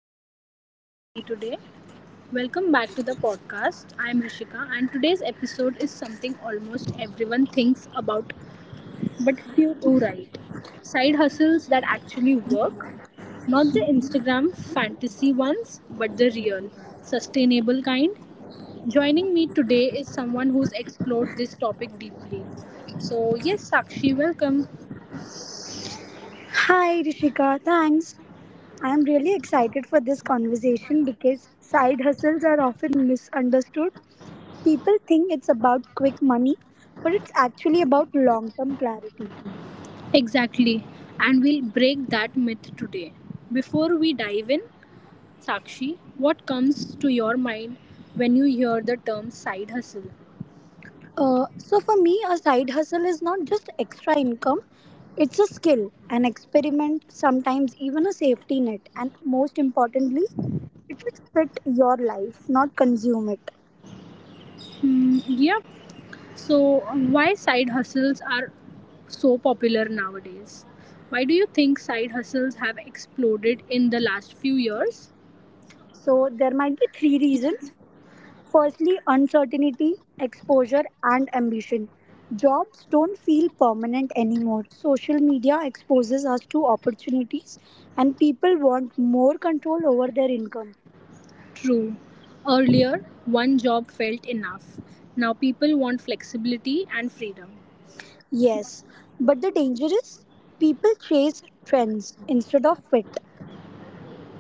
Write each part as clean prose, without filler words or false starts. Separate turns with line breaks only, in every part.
I have Sakshi with me today. Welcome back to the podcast. I'm Rishika, and today's episode is something almost everyone thinks about, but few do right. Side hustles that actually work. Not the Instagram fantasy ones, but the real, sustainable kind. Joining me today is someone who's explored this topic deeply. So, yes, Sakshi, welcome.
Hi, Rishika. Thanks. I am really excited for this conversation because side hustles are often misunderstood. People think it's about quick money, but it's actually about long term clarity.
Exactly. And we'll break that myth today. Before we dive in, Sakshi, what comes to your mind when you hear the term side hustle?
For me, a side hustle is not just extra income, it's a skill, an experiment, sometimes even a safety net, and most importantly, it should fit your life, not consume it.
Hmm. Yeah. So, why side hustles are so popular nowadays? Why do you think side hustles have exploded in the last few years?
So, there might be three reasons. Firstly, uncertainty, exposure, and ambition. Jobs don't feel permanent anymore. Social media exposes us to opportunities, and people want more control over their income.
True. Earlier, one job felt enough. Now people want flexibility and freedom.
Yes, but the danger is people chase trends instead of fit.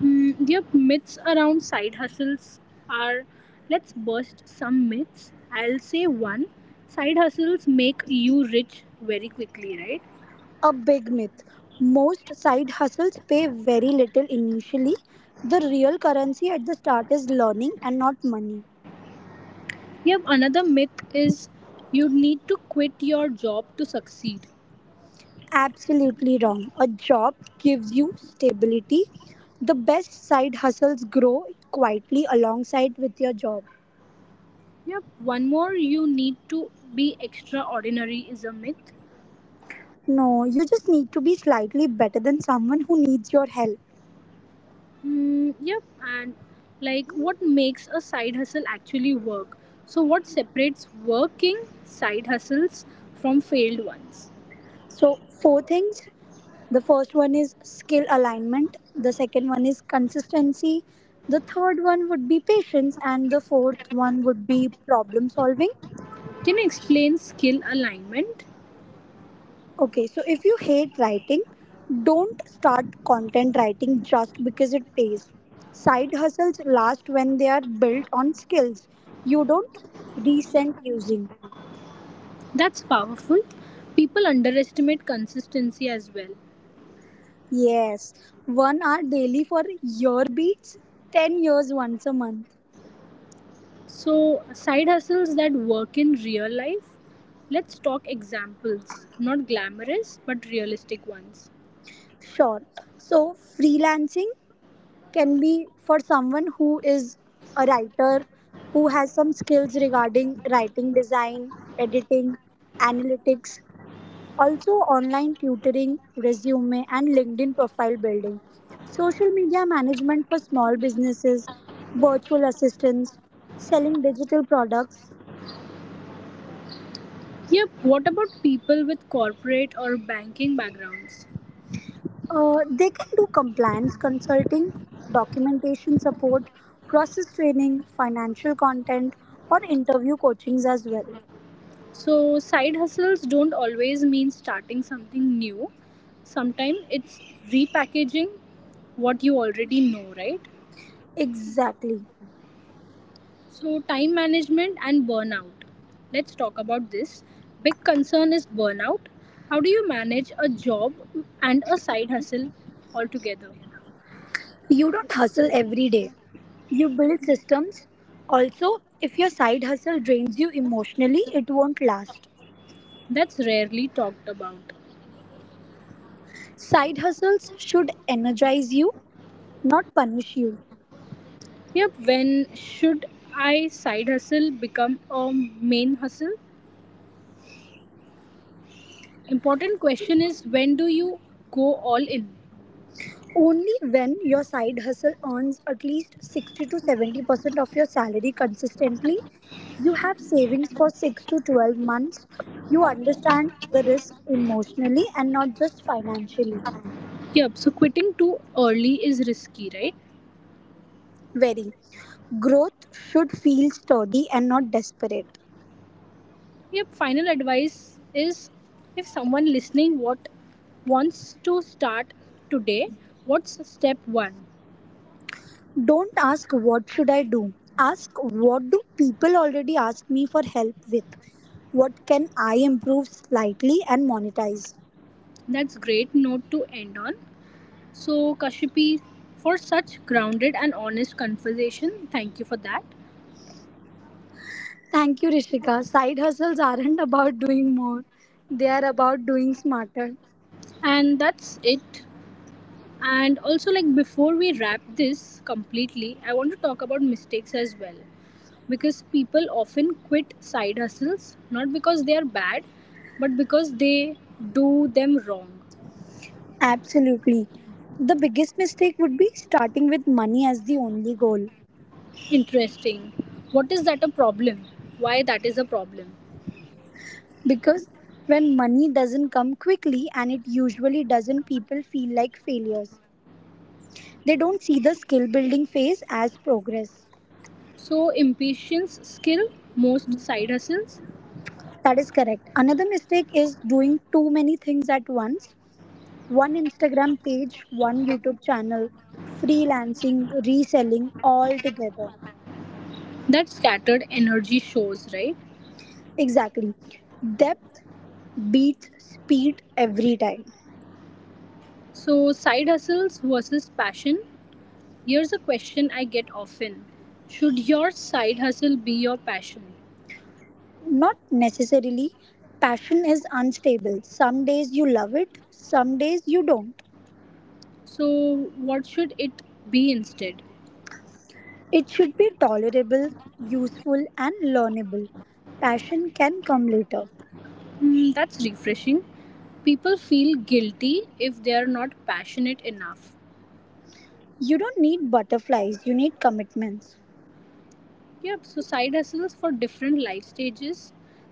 Yep, myths around side hustles are, let's bust some myths. I'll say one, side hustles make you rich very quickly, right?
A big myth. Most side hustles pay very little initially. The real currency at the start is learning and not money.
Yep, another myth is you need to quit your job to succeed.
Absolutely wrong. A job gives you stability. The best side hustles grow quietly alongside with your job.
Yep, one more, you need to be extraordinary is a myth.
No, you just need to be slightly better than someone who needs your help.
Yep, and like, what makes a side hustle actually work? So, what separates working side hustles from failed ones?
So, four things. The first one is skill alignment, the second one is consistency, the third one would be patience, and the fourth one would be problem solving.
Can you explain skill alignment?
Okay, so if you hate writing, don't start content writing just because it pays. Side hustles last when they are built on skills you don't resent using.
That's powerful. People underestimate consistency as well.
Yes, 1 hour daily for year beats, 10 years once a month.
So, side hustles that work in real life. Let's talk examples, not glamorous but realistic ones.
Sure. So, freelancing can be for someone who is a writer, who has some skills regarding writing design, editing, analytics, also online tutoring, resume, and LinkedIn profile building, social media management for small businesses, virtual assistants, selling digital products.
Yep, what about people with corporate or banking backgrounds?
They can do compliance consulting, documentation support, process training, financial content, or interview coachings as well.
So, side hustles don't always mean starting something new. Sometimes it's repackaging what you already know, right?
Exactly.
So, time management and burnout. Let's talk about this. Big concern is burnout. How do you manage a job and a side hustle altogether?
You don't hustle every day. You build systems. Also, if your side hustle drains you emotionally, it won't last.
That's rarely talked about.
Side hustles should energize you, not punish you.
Yep, when should I side hustle become a main hustle? Important question is, when do you go all in?
Only when your side hustle earns at least 60 to 70% of your salary consistently, you have savings for 6 to 12 months, you understand the risk emotionally and not just financially.
Yep, so quitting too early is risky, right?
Very. Growth should feel sturdy and not desperate.
Your final advice is, if someone listening what wants to start today, what's step 1?
Don't ask what should I do. Ask what do people already ask me for help with? What can I improve slightly and monetize?
That's great note to end on. So Kashipi, for such grounded and honest conversation. Thank you for that.
Thank you, Rishika. Side hustles aren't about doing more, they are about doing smarter.
And that's it. And also, like, before we wrap this completely, I want to talk about mistakes as well, because people often quit side hustles not because they are bad but because they do them wrong.
Absolutely. The biggest mistake would be starting with money as the only goal.
Interesting. What is that a problem? Why that is a problem?
Because when money doesn't come quickly, and it usually doesn't, people feel like failures. They don't see the skill building phase as progress.
So impatience, skill, most side hustles,
That is correct. Another mistake is doing too many things at once. One Instagram page, one YouTube channel, freelancing, reselling all together.
that scattered energy shows, right?
Exactly. Depth beats speed every time.
So side hustles versus passion. Here's a question I get often. Should your side hustle be your passion?
Not necessarily. Passion is unstable. Some days you love it, some days you don't.
So what should it be instead?
It should be tolerable, useful, and learnable. Passion can come later.
Hmm, that's refreshing. People feel guilty if they are not passionate enough.
You don't need butterflies, you need commitments.
Yep, so side hustles for different life stages.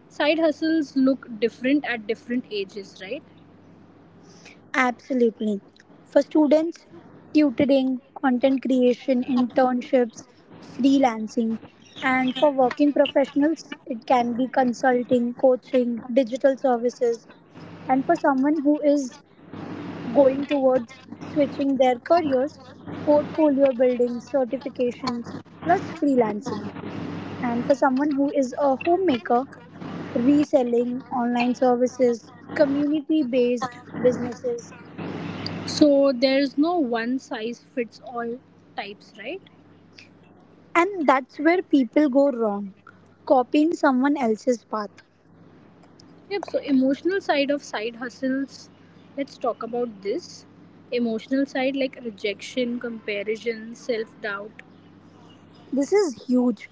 Side hustles look different at different ages, right?
Absolutely. For students, tutoring, content creation, internships, freelancing, and for working professionals, it can be consulting, coaching, digital services. And for someone who is going towards switching their careers, portfolio building, certifications, plus freelancing. And for someone who is a homemaker, reselling, online services, community based businesses.
So there's no one size fits all types, right?
And that's where people go wrong, copying someone else's path.
Yep, so emotional side of side hustles, let's talk about this. Emotional side like rejection, comparison, self doubt,
This is huge.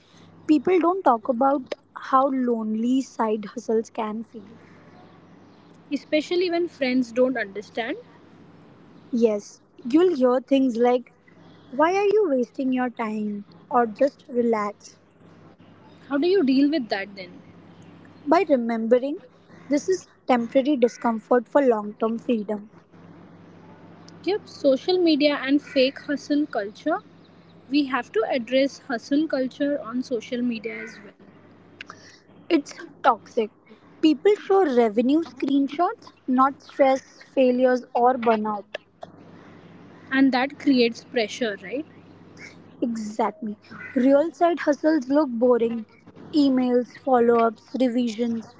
People don't talk about how lonely side hustles can feel.
especially when friends don't understand.
Yes, you'll hear things like, why are you wasting your time? Or just relax.
How do you deal with that then?
By remembering this is temporary discomfort for long term freedom,
Yep, social media and fake hustle culture, we have to address hustle culture on social media as well.
it's toxic. People show revenue screenshots, not stress, failures, or burnout.
And that creates pressure, right?
Exactly. Real side hustles look boring. Emails, follow ups, revisions,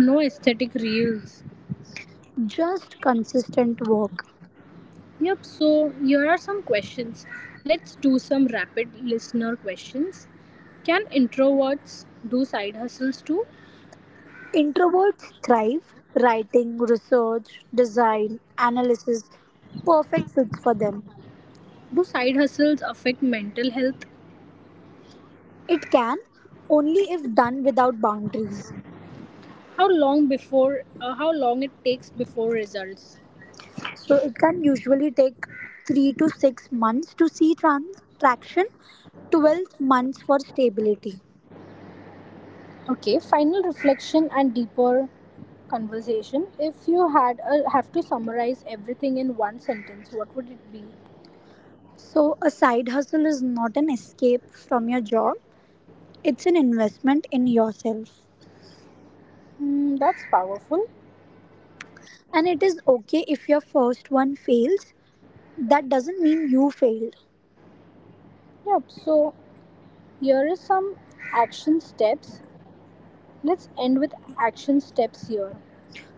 No aesthetic reels.
just consistent work.
Yep, so here are some questions. Let's do some rapid listener questions. Can introverts do side hustles too?
Introverts thrive. Writing, research, design, analysis, perfect fits for them.
Do side hustles affect mental health?
It can only if done without boundaries.
How long before how long it takes before results?
So it can usually take 3 to 6 months to see traction, 12 months for stability.
Okay, final reflection and deeper conversation. If you had a, have to summarize everything in one sentence, what would it be?
So, a side hustle is not an escape from your job, it's an investment in yourself.
Hmm, that's powerful.
And it is okay if your first one fails. That doesn't mean you failed.
Yep. So here is some action steps. Let's end with action steps here.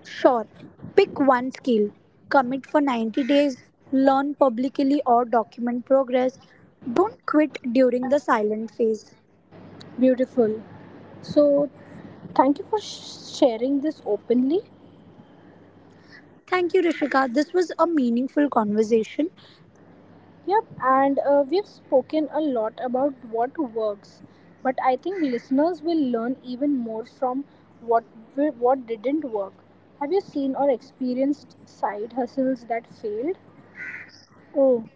Sure, pick one skill, commit for 90 days, learn publicly or document progress. Don't quit during the silent phase.
Beautiful. So thank you for sharing this openly.
Thank you, Rishika. This was a meaningful conversation.
Yep, and we've spoken a lot about what works, but I think listeners will learn even more from what what didn't work. Have you seen or experienced side hustles that failed?
Oh,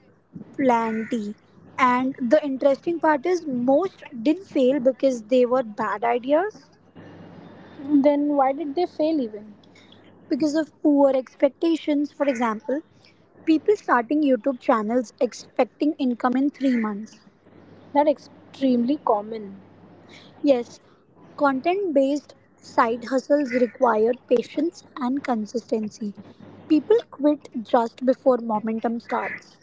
plenty. And the interesting part is, most didn't fail because they were bad ideas.
Then why did they fail even?
Because of poor expectations. For example, people starting YouTube channels expecting income in 3 months.
That extremely common.
Yes, content based side hustles require patience and consistency. People quit just before momentum starts.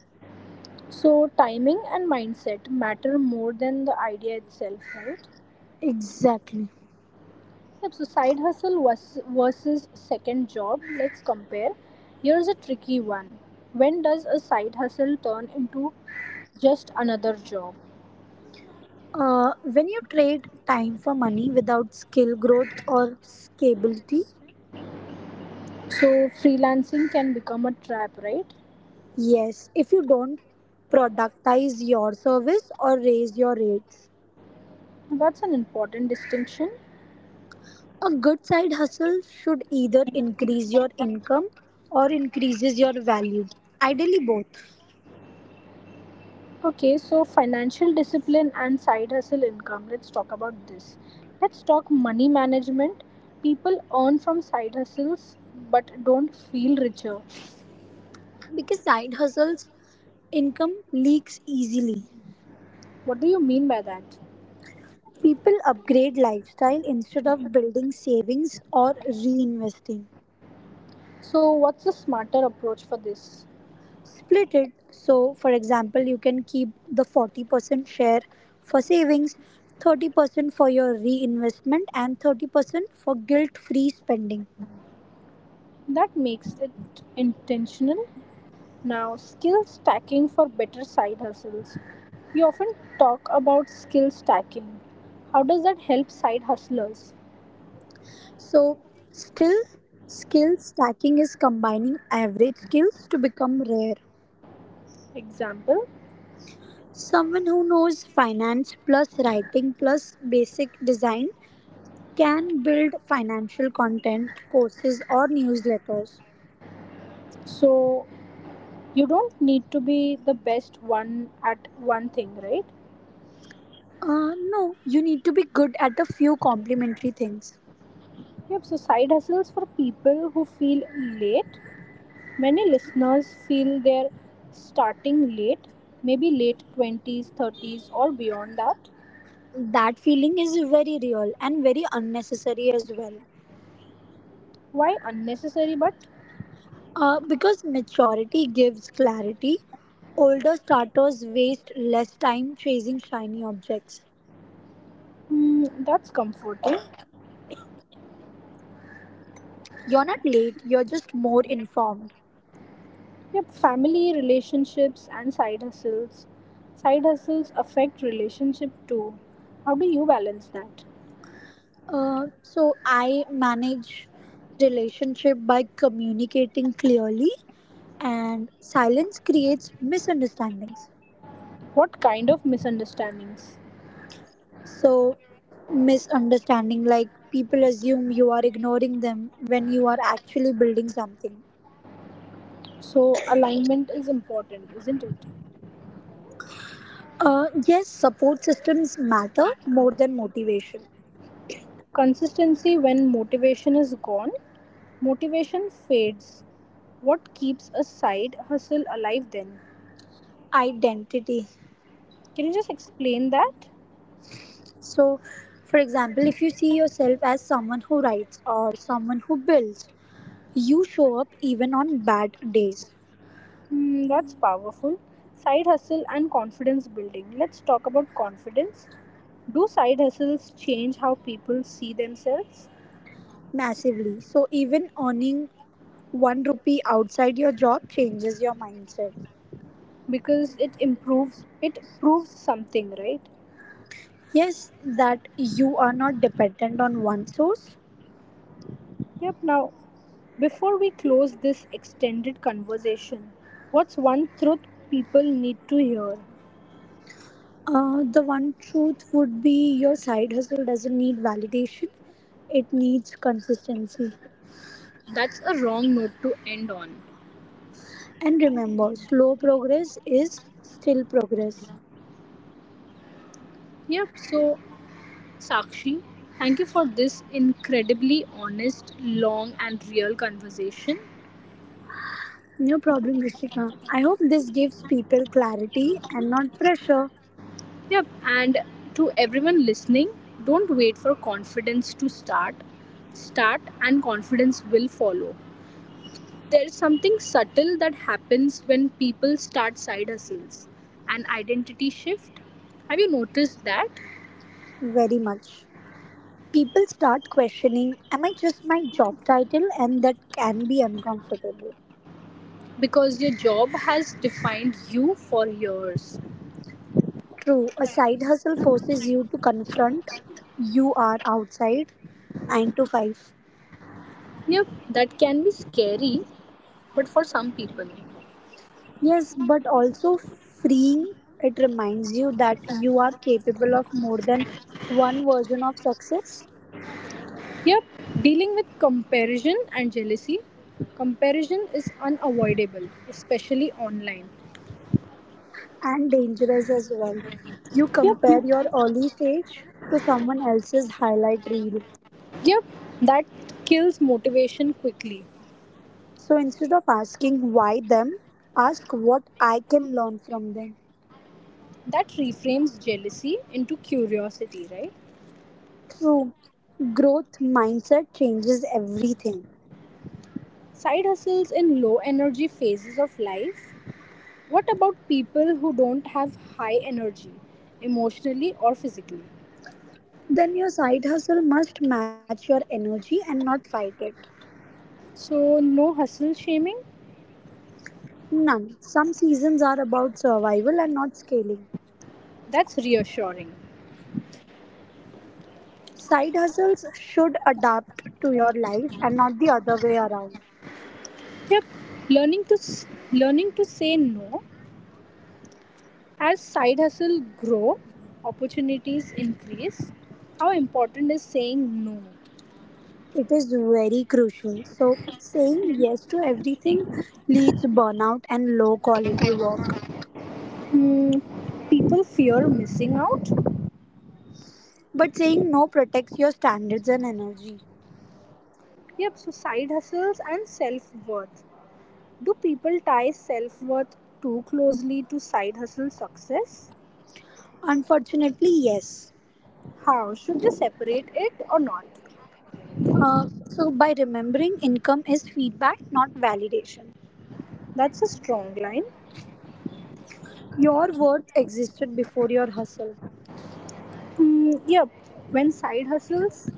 So timing and mindset matter more than the idea itself, right?
Exactly.
Yep, so side versus second job, let's compare. Here's a tricky one. When does a side hustle turn into just another job?
When you trade time for money without skill growth or scalability,
So, freelancing can become a trap, right?
yes, if you don't productize your service or raise your rates.
That's an important distinction.
A good side hustle should either increase your income or increases your value. Ideally both.
Okay, so financial discipline and side hustle income. Let's talk about this. Let's talk money management. People earn from side hustles but don't feel richer.
Because side hustles income leaks easily.
What do you mean by that?
People upgrade lifestyle instead of building savings or reinvesting.
So, what's the smarter approach for this?
Split it so for example you can keep the 40% share for savings, 30% for your reinvestment and 30% for guilt-free spending.
That makes it intentional. Now, skill stacking for better side hustles. You often talk about skill stacking. How does that help side hustlers?
So, still skill stacking is combining average skills to become rare.
Example.
Someone who knows finance plus writing plus basic design can build financial content, courses, or newsletters.
So, you don't need to be the best one at one thing, right?
No, you need to be good at a few complementary things.
Yep, so side hustles for people who feel late. Many listeners feel they're starting late, maybe late 20s, 30s, or beyond that.
That feeling is very real and very unnecessary as well.
Why unnecessary but
Because maturity gives clarity, older starters waste less time chasing shiny objects.
Mm, that's comforting.
You're not late, you're just more informed.
Yep, family relationships and side hustles. Side hustles affect relationship too. How do you balance that?
So I manage relationship by communicating clearly and silence creates misunderstandings.
What kind of misunderstandings?
So misunderstanding like people assume you are ignoring them when you are actually building something.
So, alignment is important, isn't it?
Yes, support systems matter more than motivation.
Consistency when motivation is gone. Motivation fades. What keeps a side hustle alive then?
Identity.
Can you just explain that?
So, for example, if you see yourself as someone who writes or someone who builds, you show up even on bad days.
Hmm, that's powerful. Side hustle and confidence building. Let's talk about confidence. Do side hustles change how people see themselves?
Massively. So, even earning one rupee outside your job changes your mindset.
Because it improves, it proves something, right?
Yes, that you are not dependent on one source.
Yep, now, before we close this extended conversation, what's one truth people need to hear?
The one truth would be your side hustle doesn't need validation, it needs consistency.
That's a wrong note to end on.
And remember, slow progress is still progress.
Yep, so Sakshi, thank you for this incredibly honest, long, and real conversation.
No problem, Rishika. I hope this gives people clarity and not pressure.
Yep. And to everyone listening, don't wait for confidence to start. Start and confidence will follow. There's something subtle that happens when people start side hustles, an identity shift. Have you noticed that?
Very much. People start questioning, am I just my job title? And that can be uncomfortable.
Because your job has defined you for years.
True, a side hustle forces you to confront you are outside 9 to 5.
Yep, that can be scary, but for some people.
Yes, but also freeing, it reminds you that you are capable of more than one version of success.
Yep, dealing with comparison and jealousy. Comparison is unavoidable, especially online.
And dangerous as well. You
Yep, yep,
compare your early stage to someone else's highlight reel.
yep. That kills motivation quickly.
So instead of asking why them, ask what I can learn from them.
That reframes jealousy into curiosity, right?
True, growth mindset changes everything.
Side hustles in low energy phases of life. What about people who don't have high energy, emotionally or physically?
Then your side hustle must match your energy and not fight it.
So no hustle shaming.
None. Some seasons are about survival and not scaling.
That's reassuring.
Side hustles should adapt to your life and not the other way around.
Yep, learning to s- learning to say no as side hustle grow, opportunities increase. How important is saying no?
It is very crucial. So, saying yes to everything leads burnout and low quality work.
Hmm, people fear missing out.
But saying no protects your standards and energy.
Yep, so side hustles and self worth. Do people tie self worth too closely to side hustle success?
Unfortunately, yes.
How should they separate it or not?
So, by remembering income is feedback, not validation.
That's a strong line.
Your worth existed before your hustle.
Hmm, yep, when side hustles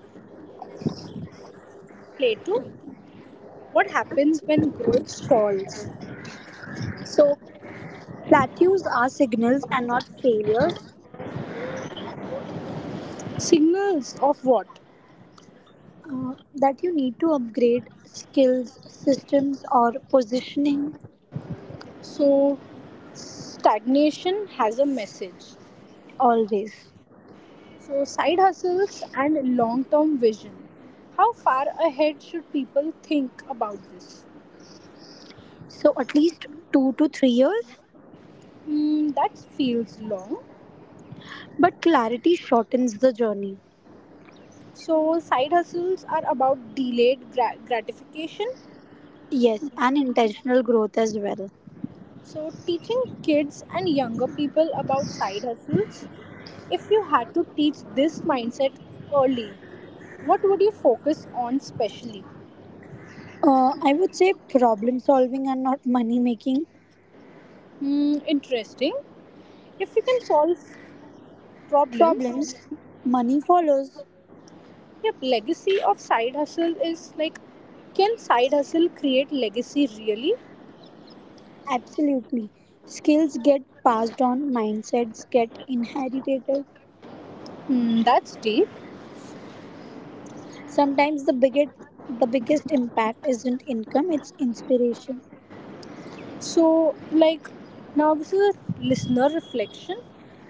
play to, what happens when growth stalls?
So, plateaus are signals and not failures.
Signals of what?
That you need to upgrade skills, systems, or positioning
So, stagnation has a message.
always.
So, side hustles and long term vision. How far ahead should people think about this?
So at least 2 to 3 years.
Hmm, that feels long.
But clarity shortens the journey.
So, side hustles are about delayed gratification.
Yes, and intentional growth as well.
So, teaching kids and younger people about side hustles. If you had to teach this mindset early, what would you focus on specially?
I would say problem solving and not money making.
Hmm, interesting. If you can solve problems,
Problems, money follows.
Yep, legacy of side hustle is like, can side hustle create legacy really?
Absolutely. Skills get passed on, mindsets get inherited.
Hmm, that's deep.
Sometimes the biggest impact isn't income, it's inspiration.
So, like, now this is a listener reflection.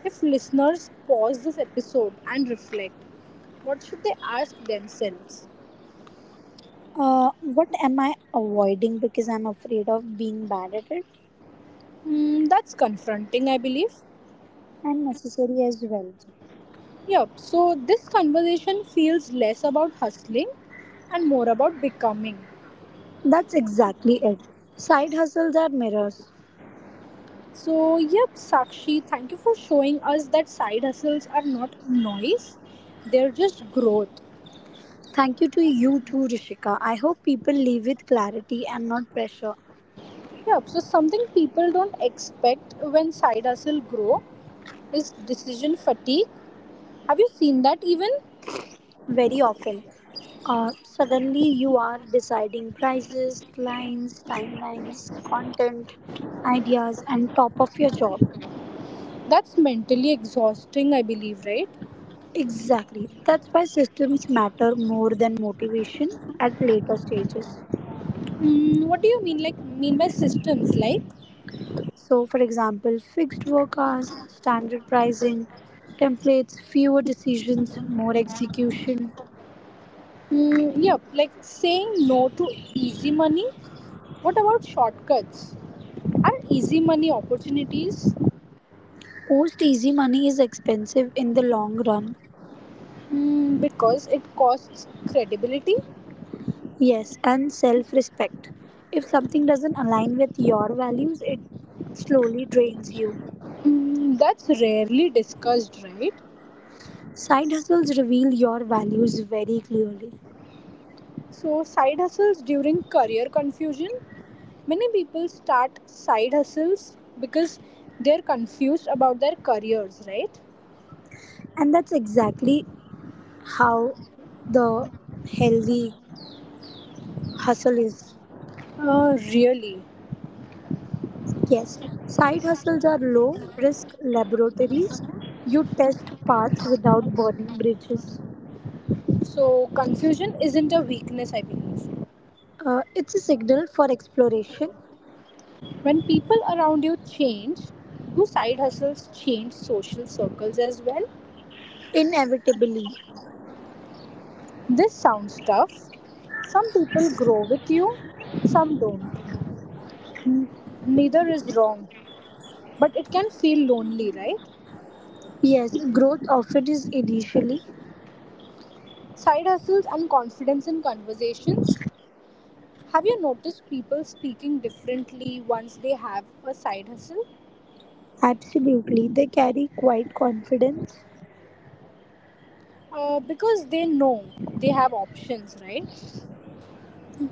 If listeners pause this episode and reflect, what should they ask themselves?
What am I avoiding because I'm afraid of being bad at it?
Hmm, that's confronting, I believe.
And necessary as well.
Yep, so this conversation feels less about hustling and more about becoming.
That's exactly it. Side hustles are mirrors.
So, yep, Sakshi, thank you for showing us that side hustles are not noise, they're just growth.
Thank you to you too, Rishika. I hope people leave with clarity and not pressure.
Yep, so something people don't expect when side hustle grow is decision fatigue. Have you seen that even?
Very often, suddenly you are deciding prices, clients, timelines, content, ideas, and top of your job.
That's mentally exhausting, I believe, right?
Exactly. That's why systems matter more than motivation at later stages.
Mm, what do you mean by systems like?
So, for example, fixed work hours, standard pricing, templates, fewer decisions, more execution.
Yep, like saying no to easy money. What about shortcuts? Are easy money opportunities?
Post easy money is expensive in the long run.
Mm, because it costs credibility.
Yes, and self respect. If something doesn't align with your values, it slowly drains you.
Mm, that's rarely discussed, right?
Side hustles reveal your values very clearly.
So, side hustles during career confusion. Many people start side hustles because they're confused about their careers, right?
And that's exactly how the healthy hustle is.
Really.
Yes, side hustles are low risk laboratories. You test paths without burning bridges.
So, confusion isn't a weakness, I believe.
It's a signal for exploration,
When people around you change, do side hustles change social circles as well?
inevitably.
This sounds tough. Some people grow with you, some don't. Neither is wrong, but it can feel lonely, right?
Yes, growth often is initially.
Side hustles and confidence in conversations. Have you noticed people speaking differently once they have a side hustle?
Absolutely, they carry quite confidence.
Because they know they have options, right?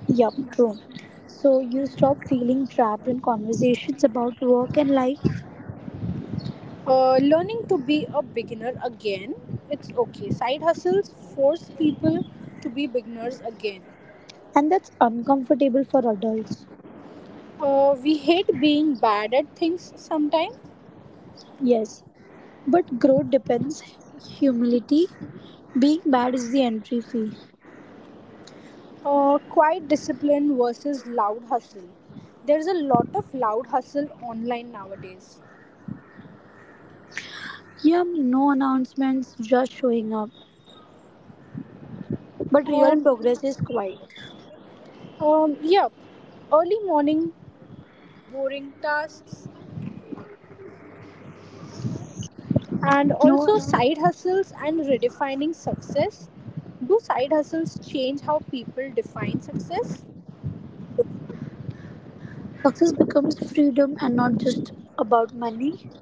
Yup, true. So you stop feeling trapped in conversations about work and life,
Learning to be a beginner again, it's okay. Side hustles force people to be beginners again.
and that's uncomfortable for adults.
We hate being bad at things sometimes.
Yes, but growth depends humility. Being bad is the entry fee.
Quiet discipline versus loud hustle. There's a lot of loud hustle online nowadays.
Yep, no announcements, just showing up. But real
Um,
progress is quiet.
yeah, early morning, boring tasks, and
No,
also side hustles and redefining success. Do side hustles change how people define success?
success becomes freedom and not just about money.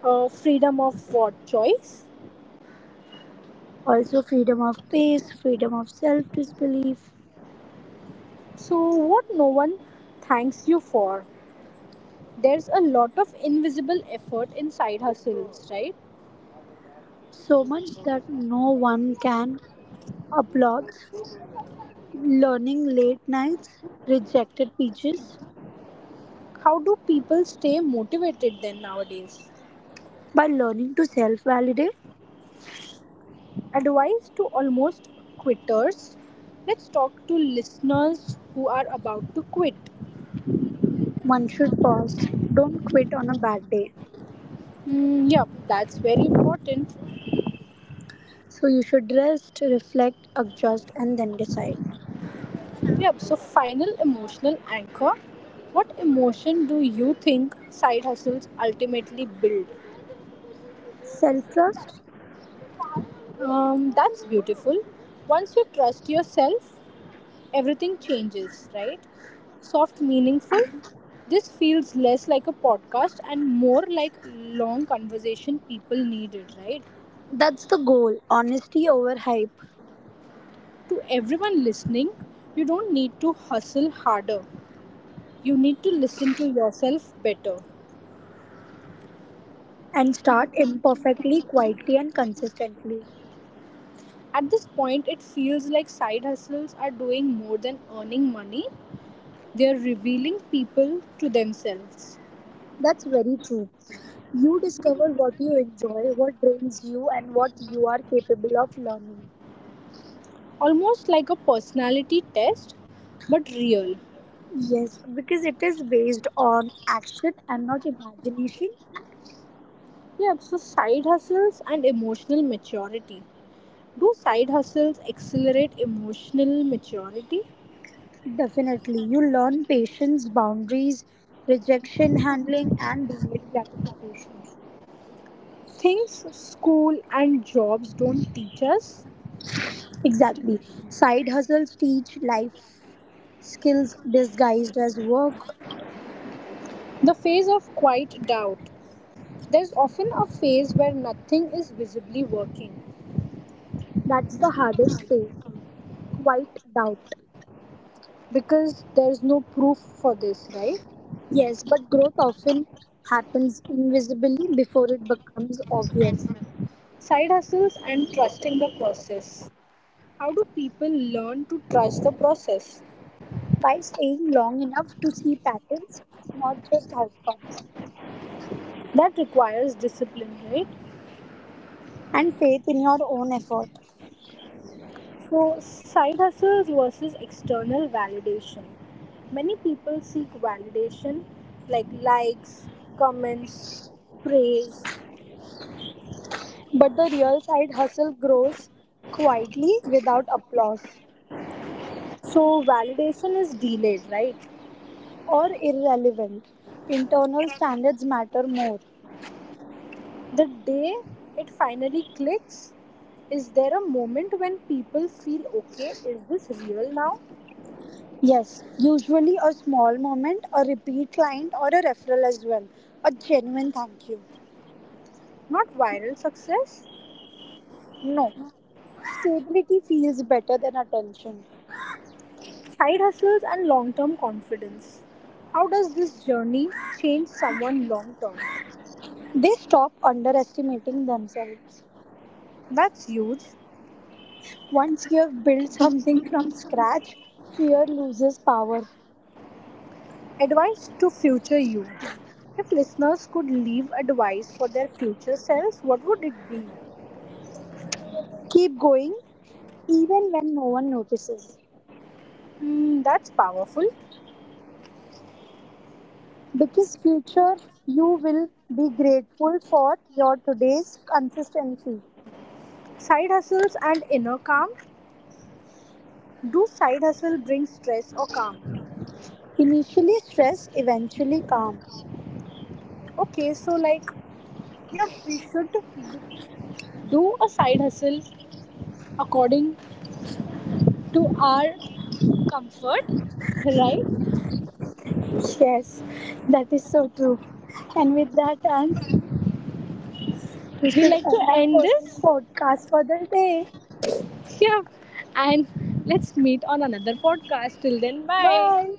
Freedom of what choice?
Also, freedom of pace, freedom of self disbelief.
So, what no one thanks you for? There's a lot of invisible effort in side hustles, right?
So much that no one can applaud. Learning late nights, rejected pitches.
How do people stay motivated then nowadays?
By learning to self validate,
Advice to almost quitters. Let's talk to listeners who are about to quit.
one should pause. Don't quit on a bad day.
Mm, yeah, that's very important.
So, you should rest, reflect, adjust, and then decide.
Yeah, so final emotional anchor. What emotion do you think side hustles ultimately build?
Self trust.
That's beautiful. Once you trust yourself, everything changes, right? Soft, meaningful. This feels less like a podcast and more like long conversation people needed, right?
That's the goal, honesty over hype
To everyone listening, you don't need to hustle harder. You need to listen to yourself better.
and start imperfectly, quietly, and consistently.
At this point, it feels like side hustles are doing more than earning money. They are revealing people to themselves.
That's very true. You discover what you enjoy, what drains you, and what you are capable of learning.
Almost like a personality test, but real.
Yes, because it is based on action and not imagination.
Yeah, so side hustles and emotional maturity. Do side hustles accelerate emotional maturity?
Definitely. You learn patience, boundaries, rejection handling, and delayed gratification.
Things school and jobs don't teach us.
Exactly. Side hustles teach life skills disguised as work.
The phase of quiet doubt. There's often a phase where nothing is visibly working
That's the hardest phase, quite doubt.
because there's no proof for this, right?
Yes, but growth often happens invisibly before it becomes obvious.
Side hustles and trusting the process. How do people learn to trust the process?
By staying long enough to see patterns, not just outcomes,
That requires discipline, right?
and faith in your own effort.
So, side hustles versus external validation. Many people seek validation like likes, comments, praise.
But the real side hustle grows quietly without applause
So, validation is delayed, right?
or irrelevant. Internal standards matter more.
The day it finally clicks, is there a moment when people feel okay, is this real now?
Yes, usually a small moment, a repeat client, or a referral as well. A genuine thank you.
Not viral success?
No, stability feels better than attention.
Side hustles and long term confidence. How does this journey change someone long term?
They stop underestimating themselves.
That's huge.
Once you have built something from scratch, fear loses power.
Advice to future you. If listeners could leave advice for their future selves, what would it be?
Keep going even when no one notices.
Hmm, that's powerful.
Because future you will be grateful for your today's consistency.
Side hustles and inner calm. Do side hustle bring stress or calm?
Initially stress, eventually calm.
Okay, so like, yeah, we should do a side hustle according to our comfort, right?
Yes, that is so true. And with that end, we
We
should
like to
end our
end this.
podcast for the day.
Yeah, and let's meet on another podcast. Till then, bye.
Bye.